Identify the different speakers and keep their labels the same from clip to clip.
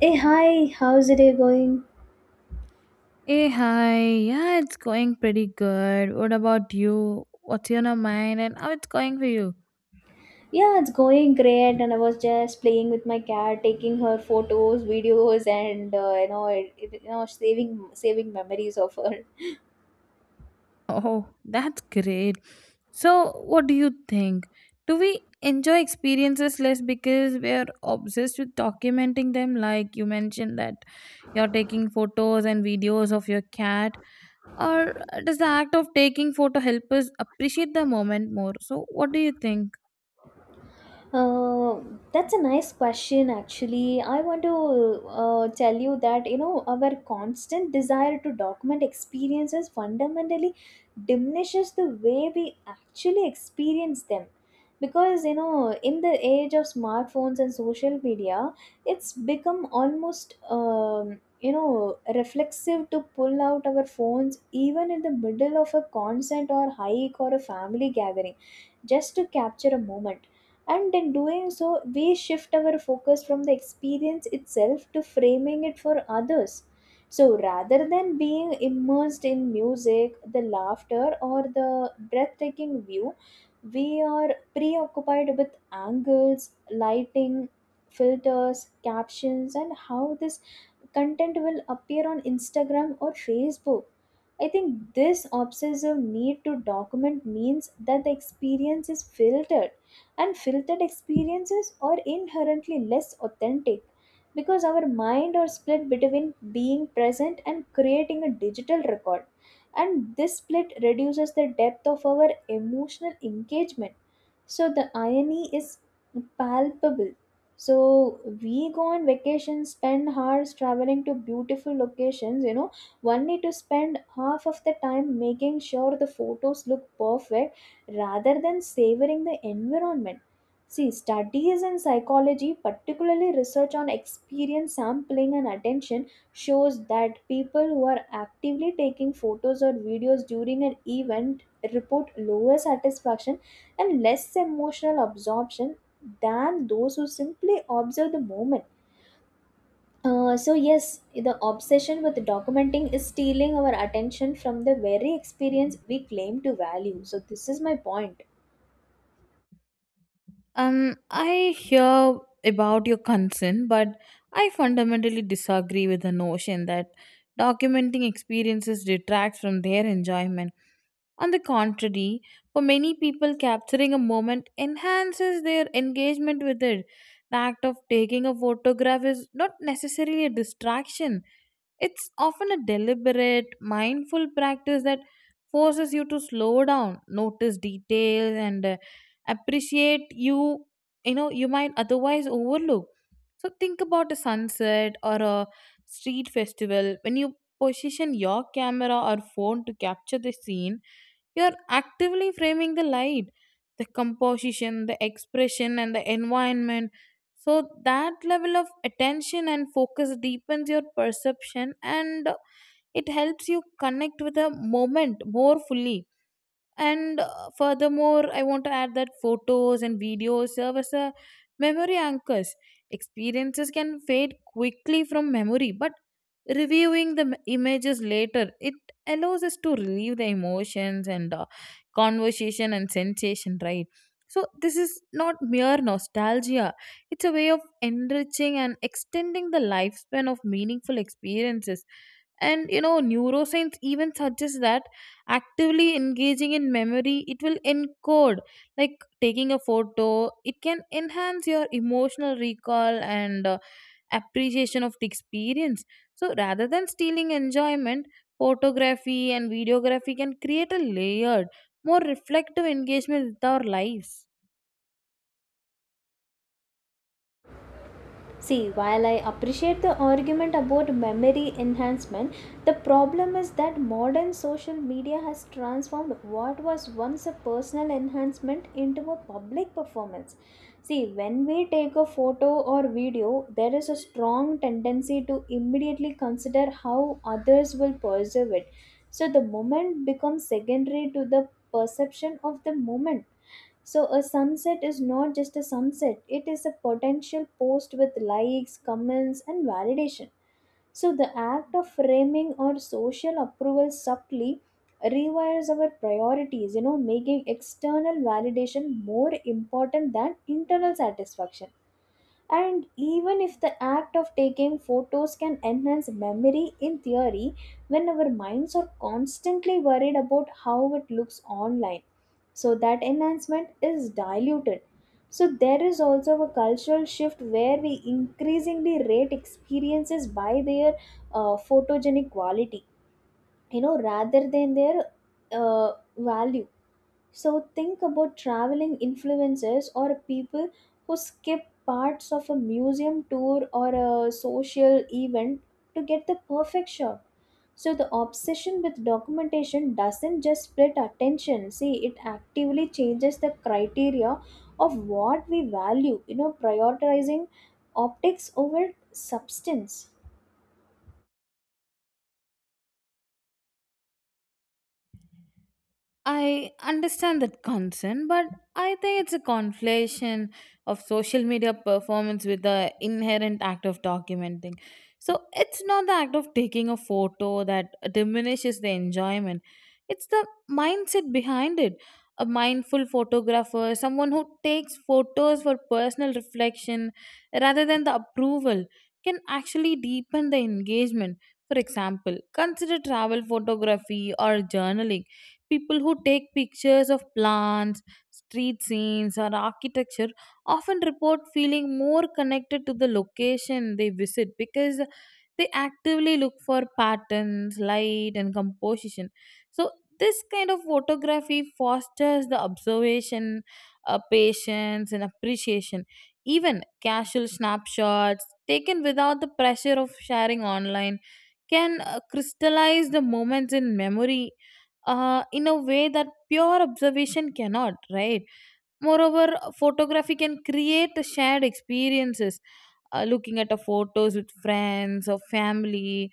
Speaker 1: Hey, hi, how's the day going?
Speaker 2: Hey, hi. Yeah, it's going pretty good. What about you? What's on your mind and how it's going for you?
Speaker 1: Yeah, it's going great, and I was just playing with my cat, taking her photos, videos, and saving memories of her.
Speaker 2: Oh, that's great. So, what do you think? Do we enjoy experiences less because we're obsessed with documenting them? Like you mentioned that you're taking photos and videos of your cat. Or does the act of taking photo help us appreciate the moment more? So, what do you think?
Speaker 1: Uh, that's a nice question, actually. I want to tell you that you know our constant desire to document experiences fundamentally diminishes the way we actually experience them. Because you know, in the age of smartphones and social media, it's become almost you know reflexive to pull out our phones even in the middle of a concert or hike or a family gathering, just to capture a moment, and in doing so we shift our focus from the experience itself to framing it for others, so rather than being immersed in music, the laughter, or the breathtaking view, we are preoccupied with angles, lighting, filters, captions, and how this content will appear on Instagram or Facebook. I think this obsessive need to document means that the experience is filtered, and filtered experiences are inherently less authentic because our mind are split between being present and creating a digital record. And this split reduces the depth of our emotional engagement. So the irony is palpable. So we go on vacation, spend hours traveling to beautiful locations, you know, one need to spend half of the time making sure the photos look perfect rather than savoring the environment. See, studies in psychology, particularly research on experience sampling and attention, shows that people who are actively taking photos or videos during an event report lower satisfaction and less emotional absorption than those who simply observe the moment. So yes, the obsession with documenting is stealing our attention from the very experience we claim to value. So this is my point.
Speaker 2: I hear about your concern, but I fundamentally disagree with the notion that documenting experiences detracts from their enjoyment. On the contrary, for many people, capturing a moment enhances their engagement with it. The act of taking a photograph is not necessarily a distraction, it's often a deliberate, mindful practice that forces you to slow down, notice details, and appreciate you you know you might otherwise overlook. So think about a sunset or a street festival when you position your camera or phone to capture the scene, you're actively framing the light, the composition, the expression, and the environment. So, that level of attention and focus deepens your perception and it helps you connect with the moment more fully. And furthermore, I want to add that photos and videos serve as a memory anchors. Experiences can fade quickly from memory, but reviewing the images later, it allows us to relieve the emotions and conversation and sensation, right? So, this is not mere nostalgia, it's a way of enriching and extending the lifespan of meaningful experiences. And you know, neuroscience even suggests that actively engaging in memory it will encode, like taking a photo, it can enhance your emotional recall and appreciation of the experience. So rather than stealing enjoyment, photography and videography can create a layered, more reflective engagement with our lives.
Speaker 1: See, while I appreciate the argument about memory enhancement, the problem is that modern social media has transformed what was once a personal enhancement into a public performance. See, when we take a photo or video, there is a strong tendency to immediately consider how others will perceive it. So the moment becomes secondary to the perception of the moment. So, a sunset is not just a sunset, it is a potential post with likes, comments, and validation. So, the act of framing or social approval subtly rewires our priorities, you know, making external validation more important than internal satisfaction. And even if the act of taking photos can enhance memory in theory, when our minds are constantly worried about how it looks online, so that enhancement is diluted. So, there is also a cultural shift where we increasingly rate experiences by their photogenic quality, you know, rather than their value. So think about traveling influencers or people who skip parts of a museum tour or a social event to get the perfect shot. So the obsession with documentation doesn't just split attention. See, it actively changes the criteria of what we value, you know, prioritizing optics over substance.
Speaker 2: I understand that concern, but I think it's a conflation of social media performance with the inherent act of documenting. So it's not the act of taking a photo that diminishes the enjoyment, it's the mindset behind it. A mindful photographer, someone who takes photos for personal reflection rather than the approval, can actually deepen the engagement. For example, consider travel photography or journaling. People who take pictures of plants, street scenes, or architecture often report feeling more connected to the location they visit because they actively look for patterns, light, and composition. So, this kind of photography fosters the observation, patience, and appreciation. Even casual snapshots taken without the pressure of sharing online can crystallize the moments in memory in a way that pure observation cannot, right? Moreover, photography can create shared experiences. Looking at a photos with friends or family,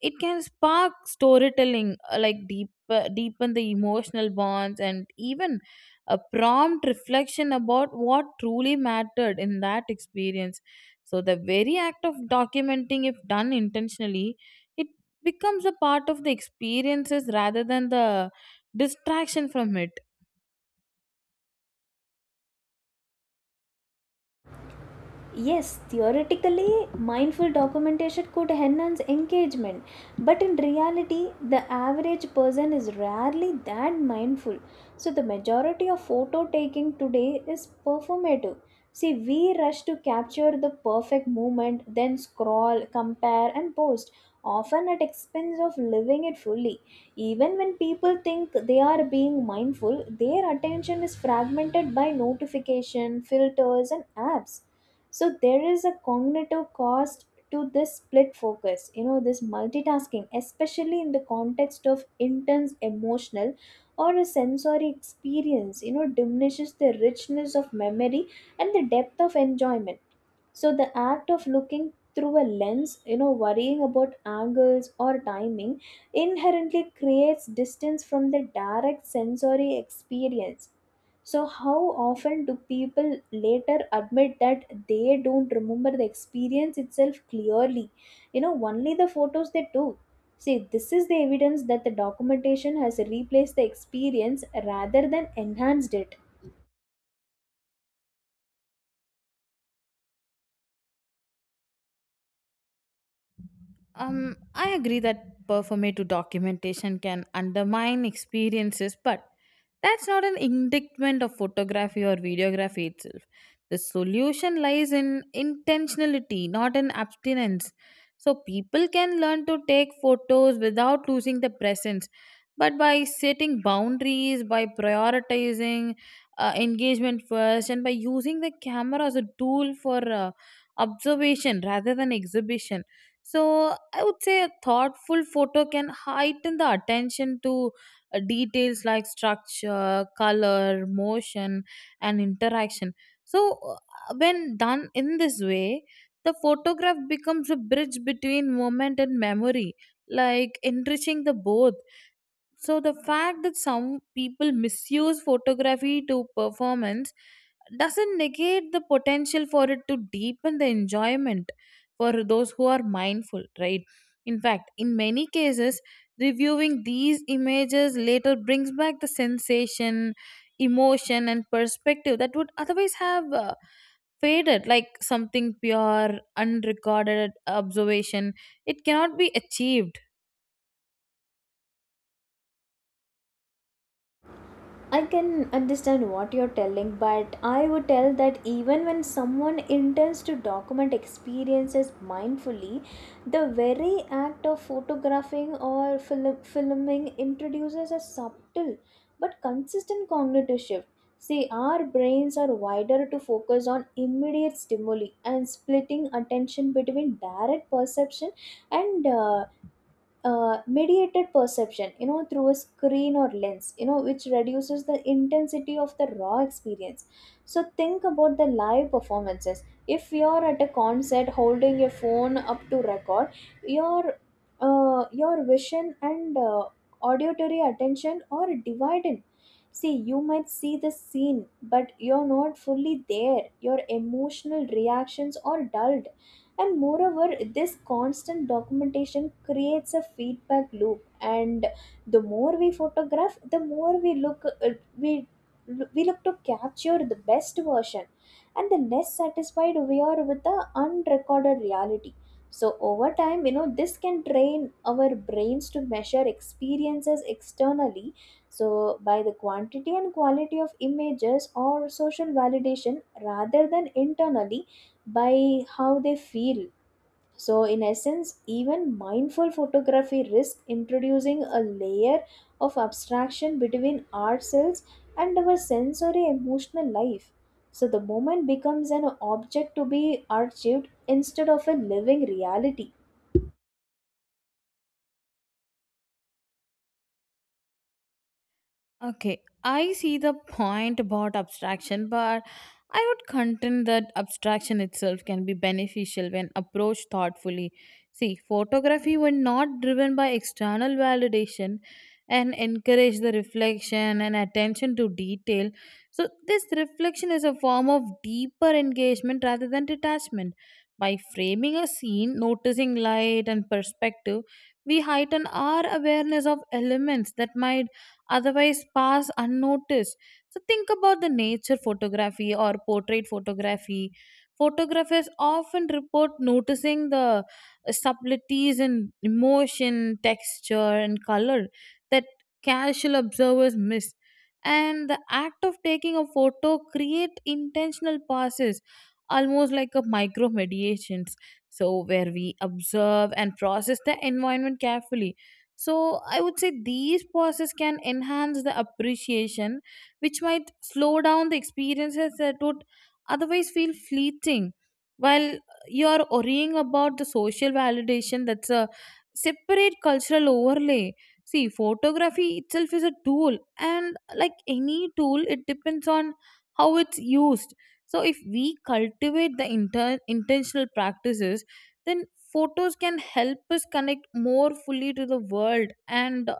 Speaker 2: it can spark storytelling, like deepen the emotional bonds, and even a prompt reflection about what truly mattered in that experience. So the very act of documenting, if done intentionally, it becomes a part of the experiences rather than the distraction from it.
Speaker 1: Yes, theoretically, mindful documentation could enhance engagement, but in reality, the average person is rarely that mindful. So, the majority of photo taking today is performative. See, we rush to capture the perfect moment, then scroll, compare, and post, often at expense of living it fully. Even when people think they are being mindful, their attention is fragmented by notification, filters, and apps. So there is a cognitive cost to this split focus, you know, this multitasking, especially in the context of intense emotional or a sensory experience, you know, diminishes the richness of memory and the depth of enjoyment. So the act of looking through a lens, you know, worrying about angles or timing inherently creates distance from the direct sensory experience. So, how often do people later admit that they don't remember the experience itself clearly? You know, only the photos they took. See, this is the evidence that the documentation has replaced the experience rather than enhanced it.
Speaker 2: I agree that performative documentation can undermine experiences, but that's not an indictment of photography or videography itself. The solution lies in intentionality, not in abstinence. So people can learn to take photos without losing the presence, but by setting boundaries, by prioritizing engagement first, and by using the camera as a tool for observation rather than exhibition. So I would say a thoughtful photo can heighten the attention to details like structure, color, motion, and interaction. So when done in this way, the photograph becomes a bridge between moment and memory, like enriching the both. So the fact that some people misuse photography to performance doesn't negate the potential for it to deepen the enjoyment for those who are mindful, right? In fact, in many cases, reviewing these images later brings back the sensation, emotion, and perspective that would otherwise have faded, like something pure, unrecorded observation. It cannot be achieved.
Speaker 1: I can understand what you're telling, but I would tell that even when someone intends to document experiences mindfully, the very act of photographing or filming introduces a subtle but consistent cognitive shift. See, our brains are wider to focus on immediate stimuli, and splitting attention between direct perception and mediated perception, you know, through a screen or lens, you know, which reduces the intensity of the raw experience. So think about the live performances. If you're at a concert holding a phone up to record your, your vision and auditory attention are divided. See, you might see the scene, but you're not fully there. Your emotional reactions are dulled. And moreover, this constant documentation creates a feedback loop, and the more we photograph, the more we look, we we look to capture the best version, and the less satisfied we are with the unrecorded reality. So over time, you know, this can train our brains to measure experiences externally, so by the quantity and quality of images or social validation rather than internally by how they feel. So, in essence, even mindful photography risks introducing a layer of abstraction between ourselves and our sensory emotional life. So, the moment becomes an object to be achieved instead of a living reality.
Speaker 2: Okay, I see the point about abstraction, but I would contend that abstraction itself can be beneficial when approached thoughtfully. See, photography, when not driven by external validation and encourage the reflection and attention to detail, so this reflection is a form of deeper engagement rather than detachment. By framing a scene, noticing light and perspective, we heighten our awareness of elements that might otherwise pass unnoticed. So think about the nature photography or portrait photography. Photographers often report noticing the subtleties in emotion, texture, and color that casual observers miss. And the act of taking a photo create intentional passes, almost like a micro mediations, so where we observe and process the environment carefully. So I would say these pauses can enhance the appreciation, which might slow down the experiences that would otherwise feel fleeting. While you're worrying about the social validation, that's a separate cultural overlay. See, photography itself is a tool, and like any tool, it depends on how it's used. So if we cultivate the intentional practices, then photos can help us connect more fully to the world and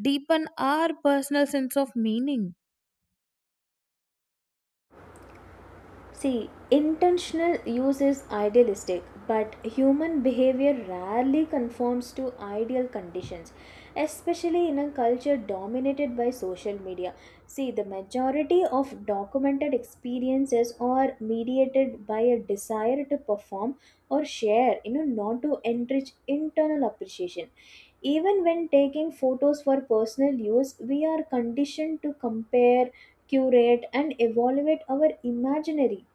Speaker 2: deepen our personal sense of meaning.
Speaker 1: See, intentional use is idealistic, but human behavior rarely conforms to ideal conditions, especially in a culture dominated by social media. See, the majority of documented experiences are mediated by a desire to perform or share, you know, not to enrich internal appreciation. Even when taking photos for personal use, we are conditioned to compare, curate, and evaluate our imaginary,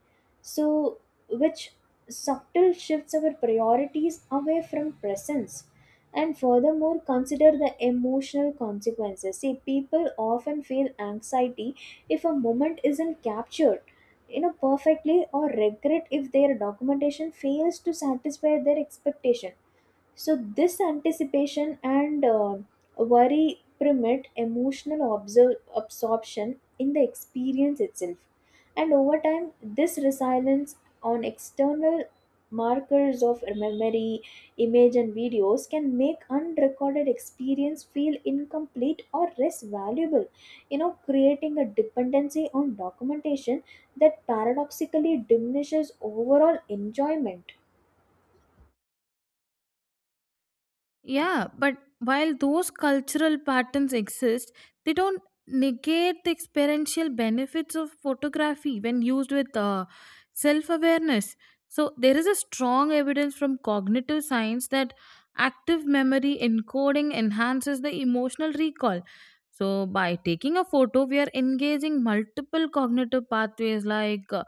Speaker 1: so which subtle shifts our priorities away from presence. And furthermore, consider the emotional consequences. See, people often feel anxiety if a moment isn't captured, you know, perfectly, or regret if their documentation fails to satisfy their expectation. So, this anticipation and worry permit emotional absorption in the experience itself. And over time, this resilience on external markers of memory, image, and videos can make unrecorded experience feel incomplete or less valuable, you know, creating a dependency on documentation that paradoxically diminishes overall enjoyment.
Speaker 2: Yeah, but while those cultural patterns exist, they don't negate the experiential benefits of photography when used with self awareness. So, there is a strong evidence from cognitive science that active memory encoding enhances the emotional recall. So, by taking a photo, we are engaging multiple cognitive pathways like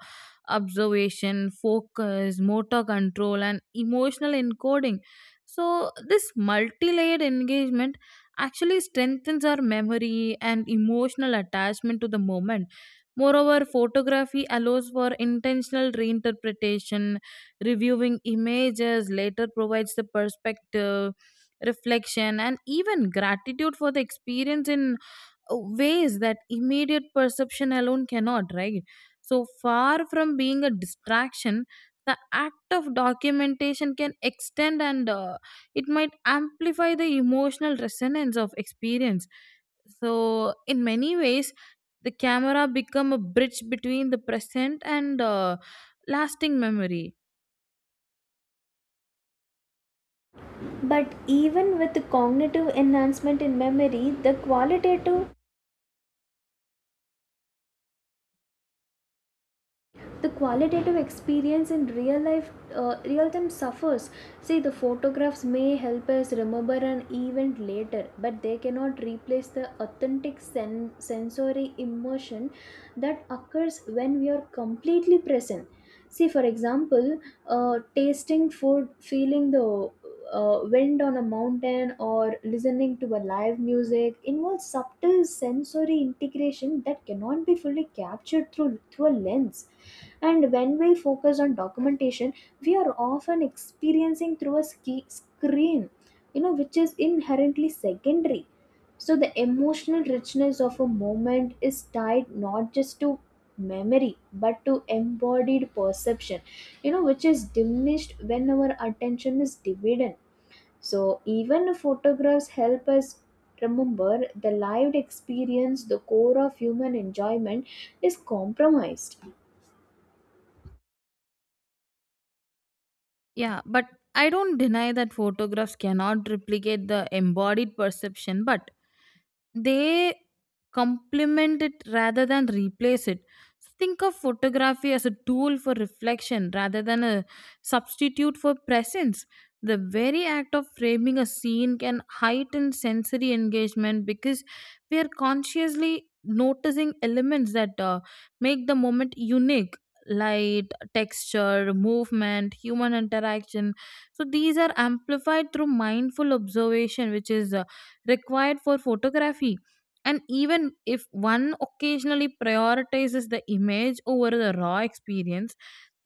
Speaker 2: observation, focus, motor control, and emotional encoding. So, this multi layered engagement actually strengthens our memory and emotional attachment to the moment. Moreover, photography allows for intentional reinterpretation. Reviewing images later provides the perspective, reflection, and even gratitude for the experience in ways that immediate perception alone cannot, right? So far from being a distraction, the act of documentation can extend and it might amplify the emotional resonance of experience. So, in many ways, the camera become a bridge between the present and lasting memory.
Speaker 1: But even with cognitive enhancement in memory, the qualitative experience in real life, real time suffers. See, the photographs may help us remember an event later, but they cannot replace the authentic sensory immersion that occurs when we are completely present. See, for example, tasting food, feeling the wind on a mountain, or listening to a live music involves subtle sensory integration that cannot be fully captured through a lens. And when we focus on documentation, we are often experiencing through a screen, you know, which is inherently secondary. So the emotional richness of a moment is tied not just to memory but to embodied perception, you know, which is diminished when our attention is divided. So even photographs help us remember the lived experience, the core of human enjoyment is compromised.
Speaker 2: Yeah, but I don't deny that photographs cannot replicate the embodied perception, but they complement it rather than replace it. So think of photography as a tool for reflection rather than a substitute for presence. The very act of framing a scene can heighten sensory engagement because we are consciously noticing elements that make the moment unique: light, texture, movement, human interaction. So these are amplified through mindful observation, which is required for photography. And even if one occasionally prioritizes the image over the raw experience,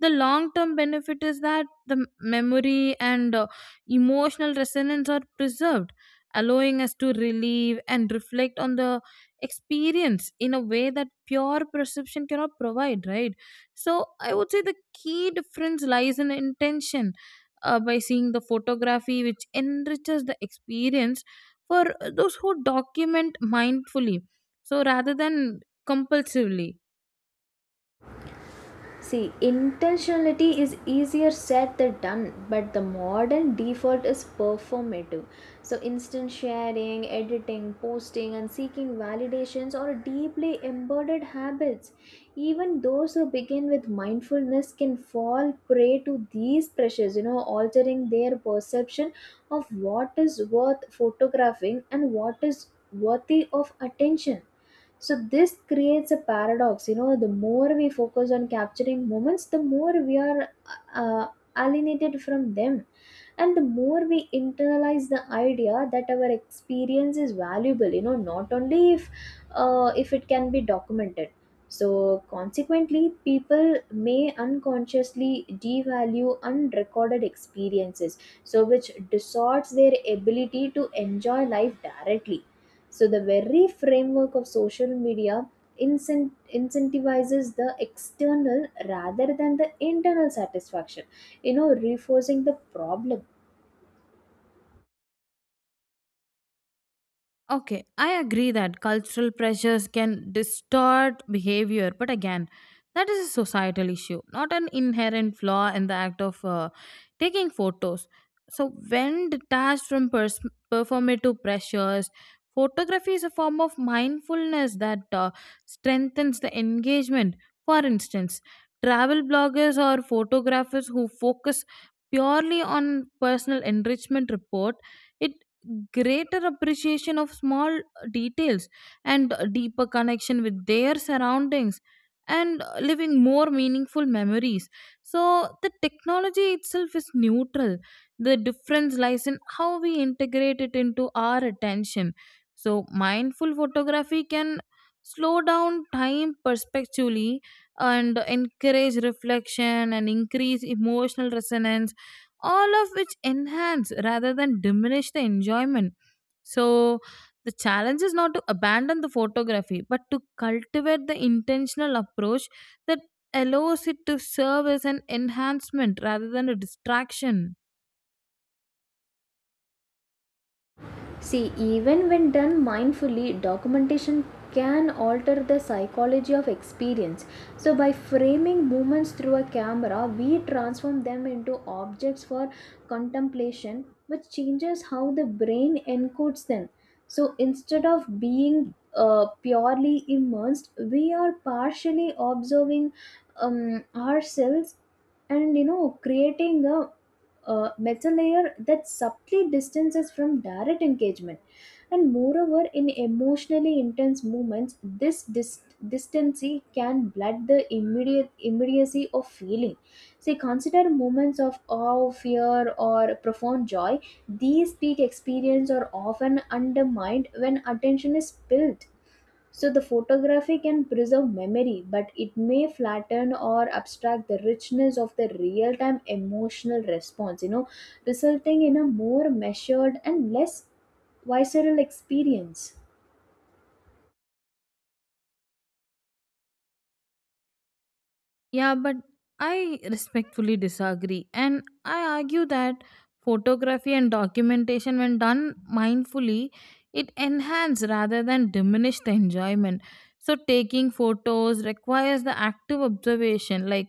Speaker 2: the long term benefit is that the memory and emotional resonance are preserved, allowing us to relieve and reflect on the experience in a way that pure perception cannot provide, right? So I would say the key difference lies in intention. By seeing the photography, which enriches the experience for those who document mindfully, so rather than compulsively.
Speaker 1: See, intentionality is easier said than done, but the modern default is performative. So, instant sharing, editing, posting, and seeking validations are deeply embedded habits. Even those who begin with mindfulness can fall prey to these pressures, you know, altering their perception of what is worth photographing and what is worthy of attention. So this creates a paradox. You know, the more we focus on capturing moments, the more we are uh, alienated from them, and the more we internalize the idea that our experience is valuable. You know, not only if it can be documented. So consequently, people may unconsciously devalue unrecorded experiences, so which distorts their ability to enjoy life directly. So the very framework of social media incentivizes the external rather than the internal satisfaction, you know, reinforcing the problem.
Speaker 2: Okay, I agree that cultural pressures can distort behavior, but again, that is a societal issue, not an inherent flaw in the act of taking photos. So, when detached from performative pressures, photography is a form of mindfulness that strengthens the engagement. For instance, travel bloggers or photographers who focus purely on personal enrichment report it greater appreciation of small details and deeper connection with their surroundings and living more meaningful memories. So the technology itself is neutral, the difference lies in how we integrate it into our attention. So mindful photography can slow down time perspectively and encourage reflection and increase emotional resonance, all of which enhance rather than diminish the enjoyment. So, the challenge is not to abandon the photography but to cultivate the intentional approach that allows it to serve as an enhancement rather than a distraction.
Speaker 1: See, even when done mindfully, documentation can alter the psychology of experience. So, by framing movements through a camera, we transform them into objects for contemplation, which changes how the brain encodes them. So, instead of being purely immersed, we are partially observing ourselves, and you know, creating a metal layer that subtly distances from direct engagement. And moreover, in emotionally intense moments, this distancy can blur the immediate immediacy of feeling. See, consider moments of awe, fear, or profound joy. These peak experiences are often undermined when attention is spilled. So the photography can preserve memory, but it may flatten or abstract the richness of the real time emotional response, you know, resulting in a more measured and less visceral experience.
Speaker 2: Yeah, but I respectfully disagree. And I argue that photography and documentation, when done mindfully, it enhance rather than diminish the enjoyment. So, taking photos requires the active observation, like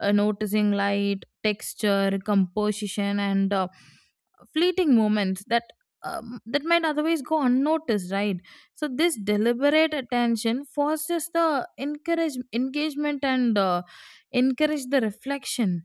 Speaker 2: noticing light, texture, composition, and fleeting moments that. That might otherwise go unnoticed, right? So this deliberate attention forces the encourage engagement and encourage the reflection.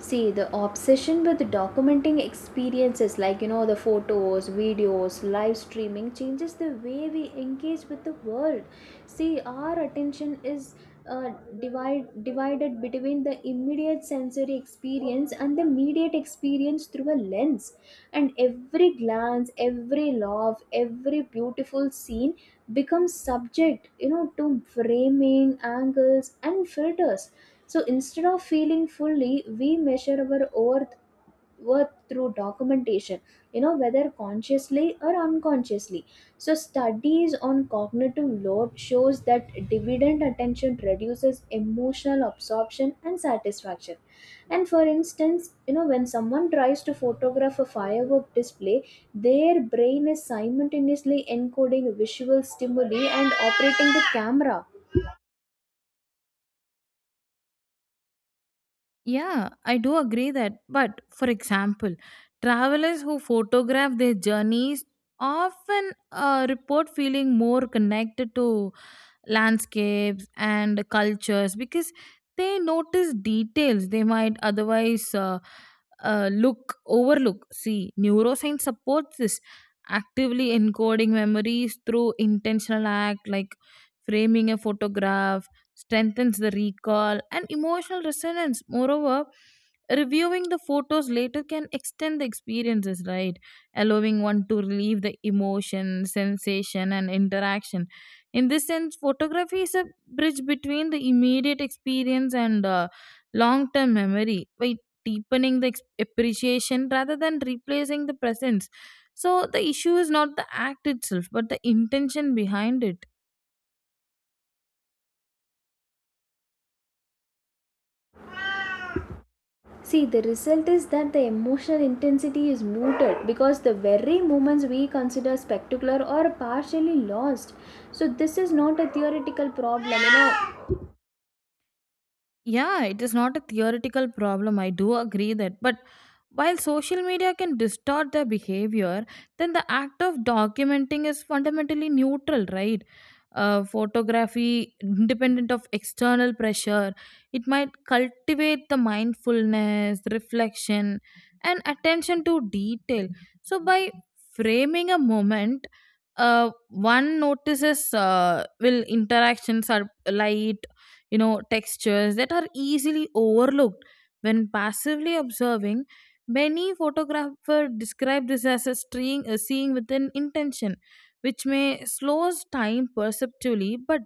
Speaker 1: See, the obsession with documenting experiences, like, you know, the photos, videos, live streaming changes the way we engage with the world. See, our attention is uh, divided between the immediate sensory experience and the immediate experience through a lens. And every glance, every love, every beautiful scene becomes subject, you know, to framing, angles, and filters. So instead of feeling fully, we measure our worth through documentation, you know, whether consciously or unconsciously. So studies on cognitive load shows that dividend attention reduces emotional absorption and satisfaction. And for instance, you know, when someone tries to photograph a firework display, their brain is simultaneously encoding visual stimuli and operating the camera.
Speaker 2: Yeah, I do agree that. But for example, travelers who photograph their journeys often report feeling more connected to landscapes and cultures because they notice details they might otherwise look overlook. See, neuroscience supports this. Actively encoding memories through intentional act like framing a photograph strengthens the recall and emotional resonance. Moreover, reviewing the photos later can extend the experiences, right, allowing one to relieve the emotion, sensation, and interaction. In this sense, photography is a bridge between the immediate experience and long term memory, by deepening the appreciation rather than replacing the presence. So the issue is not the act itself but the intention behind it.
Speaker 1: See, the result is that the emotional intensity is muted because the very moments we consider spectacular are partially lost. So, this is not a theoretical problem, you know.
Speaker 2: Yeah, it is not a theoretical problem. I do agree that. But while social media can distort their behavior, then the act of documenting is fundamentally neutral, right? Photography, independent of external pressure, it might cultivate the mindfulness, reflection, and attention to detail. So, by framing a moment, one notices will interactions are light, you know, textures that are easily overlooked when passively observing. Many photographers describe this as a string a seeing with an intention, which may slows time perceptually but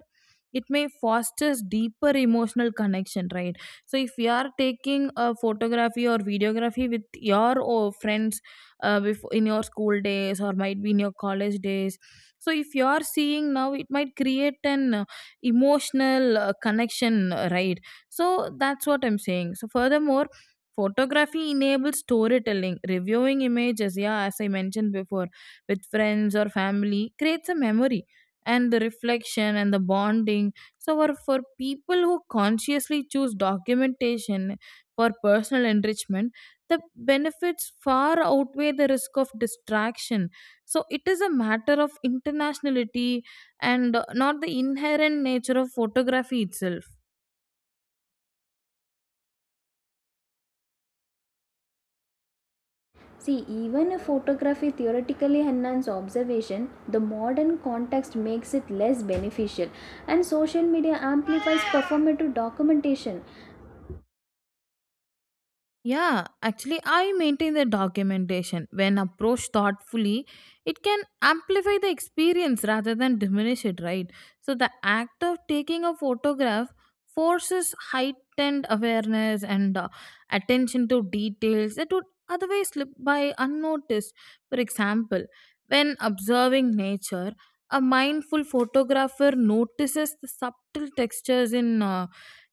Speaker 2: it may fosters deeper emotional connection, right? So if you are taking a photography or videography with your or friends, before in your school days or might be in your college days, so if you are seeing now it might create an emotional connection, right? So that's what I'm saying. So, furthermore, photography enables storytelling. Reviewing images, yeah, as I mentioned before, with friends or family creates a memory and the reflection and the bonding. So, for people who consciously choose documentation for personal enrichment, the benefits far outweigh the risk of distraction. So, it is a matter of internationality and not the inherent nature of photography itself.
Speaker 1: See, even if photography theoretically enhances observation, the modern context makes it less beneficial, and social media amplifies performative documentation.
Speaker 2: Yeah, actually, I maintain the documentation. When approached thoughtfully, it can amplify the experience rather than diminish it, right? So, the act of taking a photograph forces heightened awareness and attention to details that would otherwise slip by unnoticed. For example, when observing nature, a mindful photographer notices the subtle textures in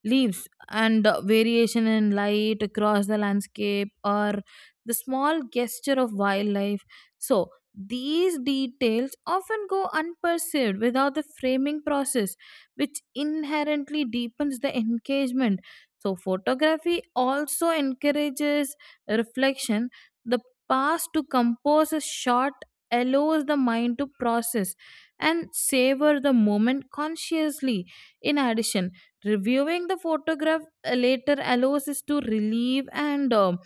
Speaker 2: leaves and variation in light across the landscape or the small gesture of wildlife. So, these details often go unperceived without the framing process, which inherently deepens the engagement. So, photography also encourages reflection. The pause to compose a shot allows the mind to process and savor the moment consciously. In addition, reviewing the photograph later allows us to relieve and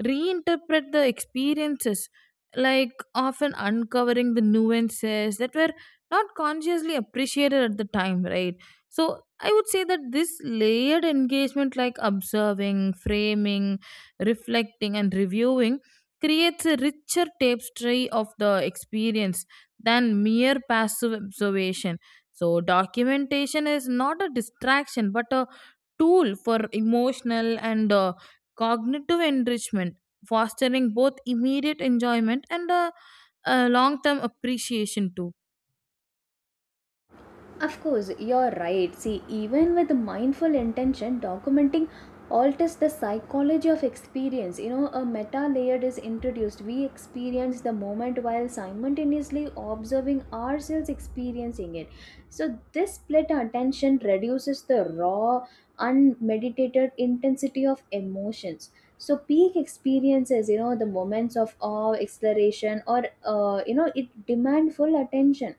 Speaker 2: reinterpret the experiences, like often uncovering the nuances that were not consciously appreciated at the time, right? So I would say that this layered engagement, like observing, framing, reflecting, and reviewing, creates a richer tapestry of the experience than mere passive observation. So, documentation is not a distraction but a tool for emotional and cognitive enrichment, fostering both immediate enjoyment and a, long term appreciation, too.
Speaker 1: Of course, you're right. See, even with mindful intention, documenting alters the psychology of experience. You know, a meta layer is introduced. We experience the moment while simultaneously observing ourselves experiencing it. So, this split attention reduces the raw, unmeditated intensity of emotions. So, peak experiences, you know, the moments of awe, exhilaration, or, you know, it demand full attention,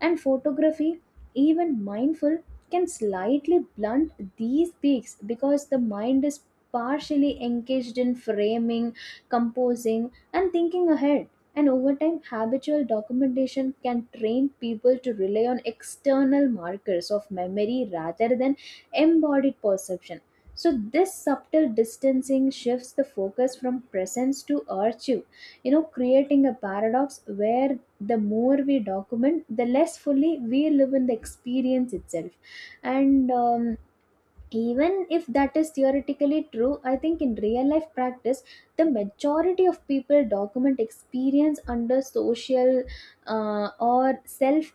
Speaker 1: and photography, even mindful, can slightly blunt these peaks because the mind is partially engaged in framing, composing, and thinking ahead. And over time, habitual documentation can train people to rely on external markers of memory rather than embodied perception. So, this subtle distancing shifts the focus from presence to archive, you know, creating a paradox where the more we document, the less fully we live in the experience itself. And even if that is theoretically true, I think in real life practice, the majority of people document experience under social or self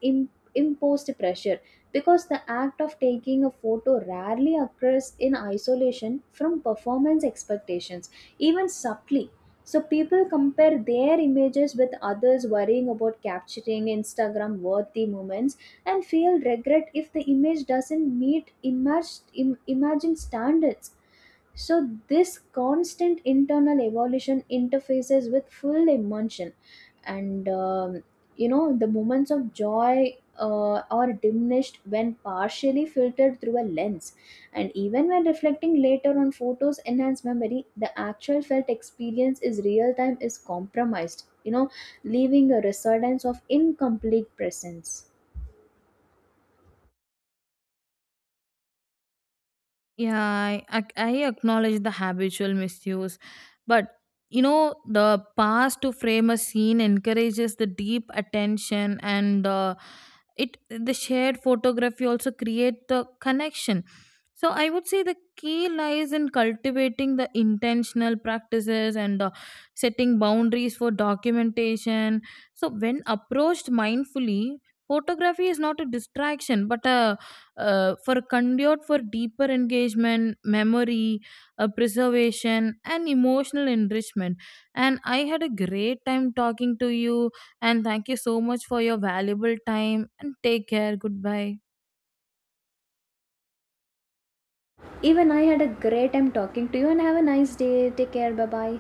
Speaker 1: imposed pressure, because the act of taking a photo rarely occurs in isolation from performance expectations, even subtly. So people compare their images with others, worrying about capturing Instagram worthy moments, and feel regret if the image doesn't meet emerged, imagined standards. So, this constant internal evolution interfaces with full emotion, and you know, the moments of joy are diminished when partially filtered through a lens. And even when reflecting later on photos enhance memory, the actual felt experience is real time is compromised, you know, leaving a resurgence of incomplete presence.
Speaker 2: Yeah, I acknowledge the habitual misuse, but you know the pause to frame a scene encourages the deep attention and the it the shared photography also create the connection. So I would say the key lies in cultivating the intentional practices and the setting boundaries for documentation. So when approached mindfully, photography is not a distraction but a for conduit for deeper engagement, memory, preservation, and emotional enrichment. And I had a great time talking to you, and thank you so much for your valuable time. And take care. Goodbye.
Speaker 1: Even I had a great time talking to you and have a nice day. Take care. Bye bye.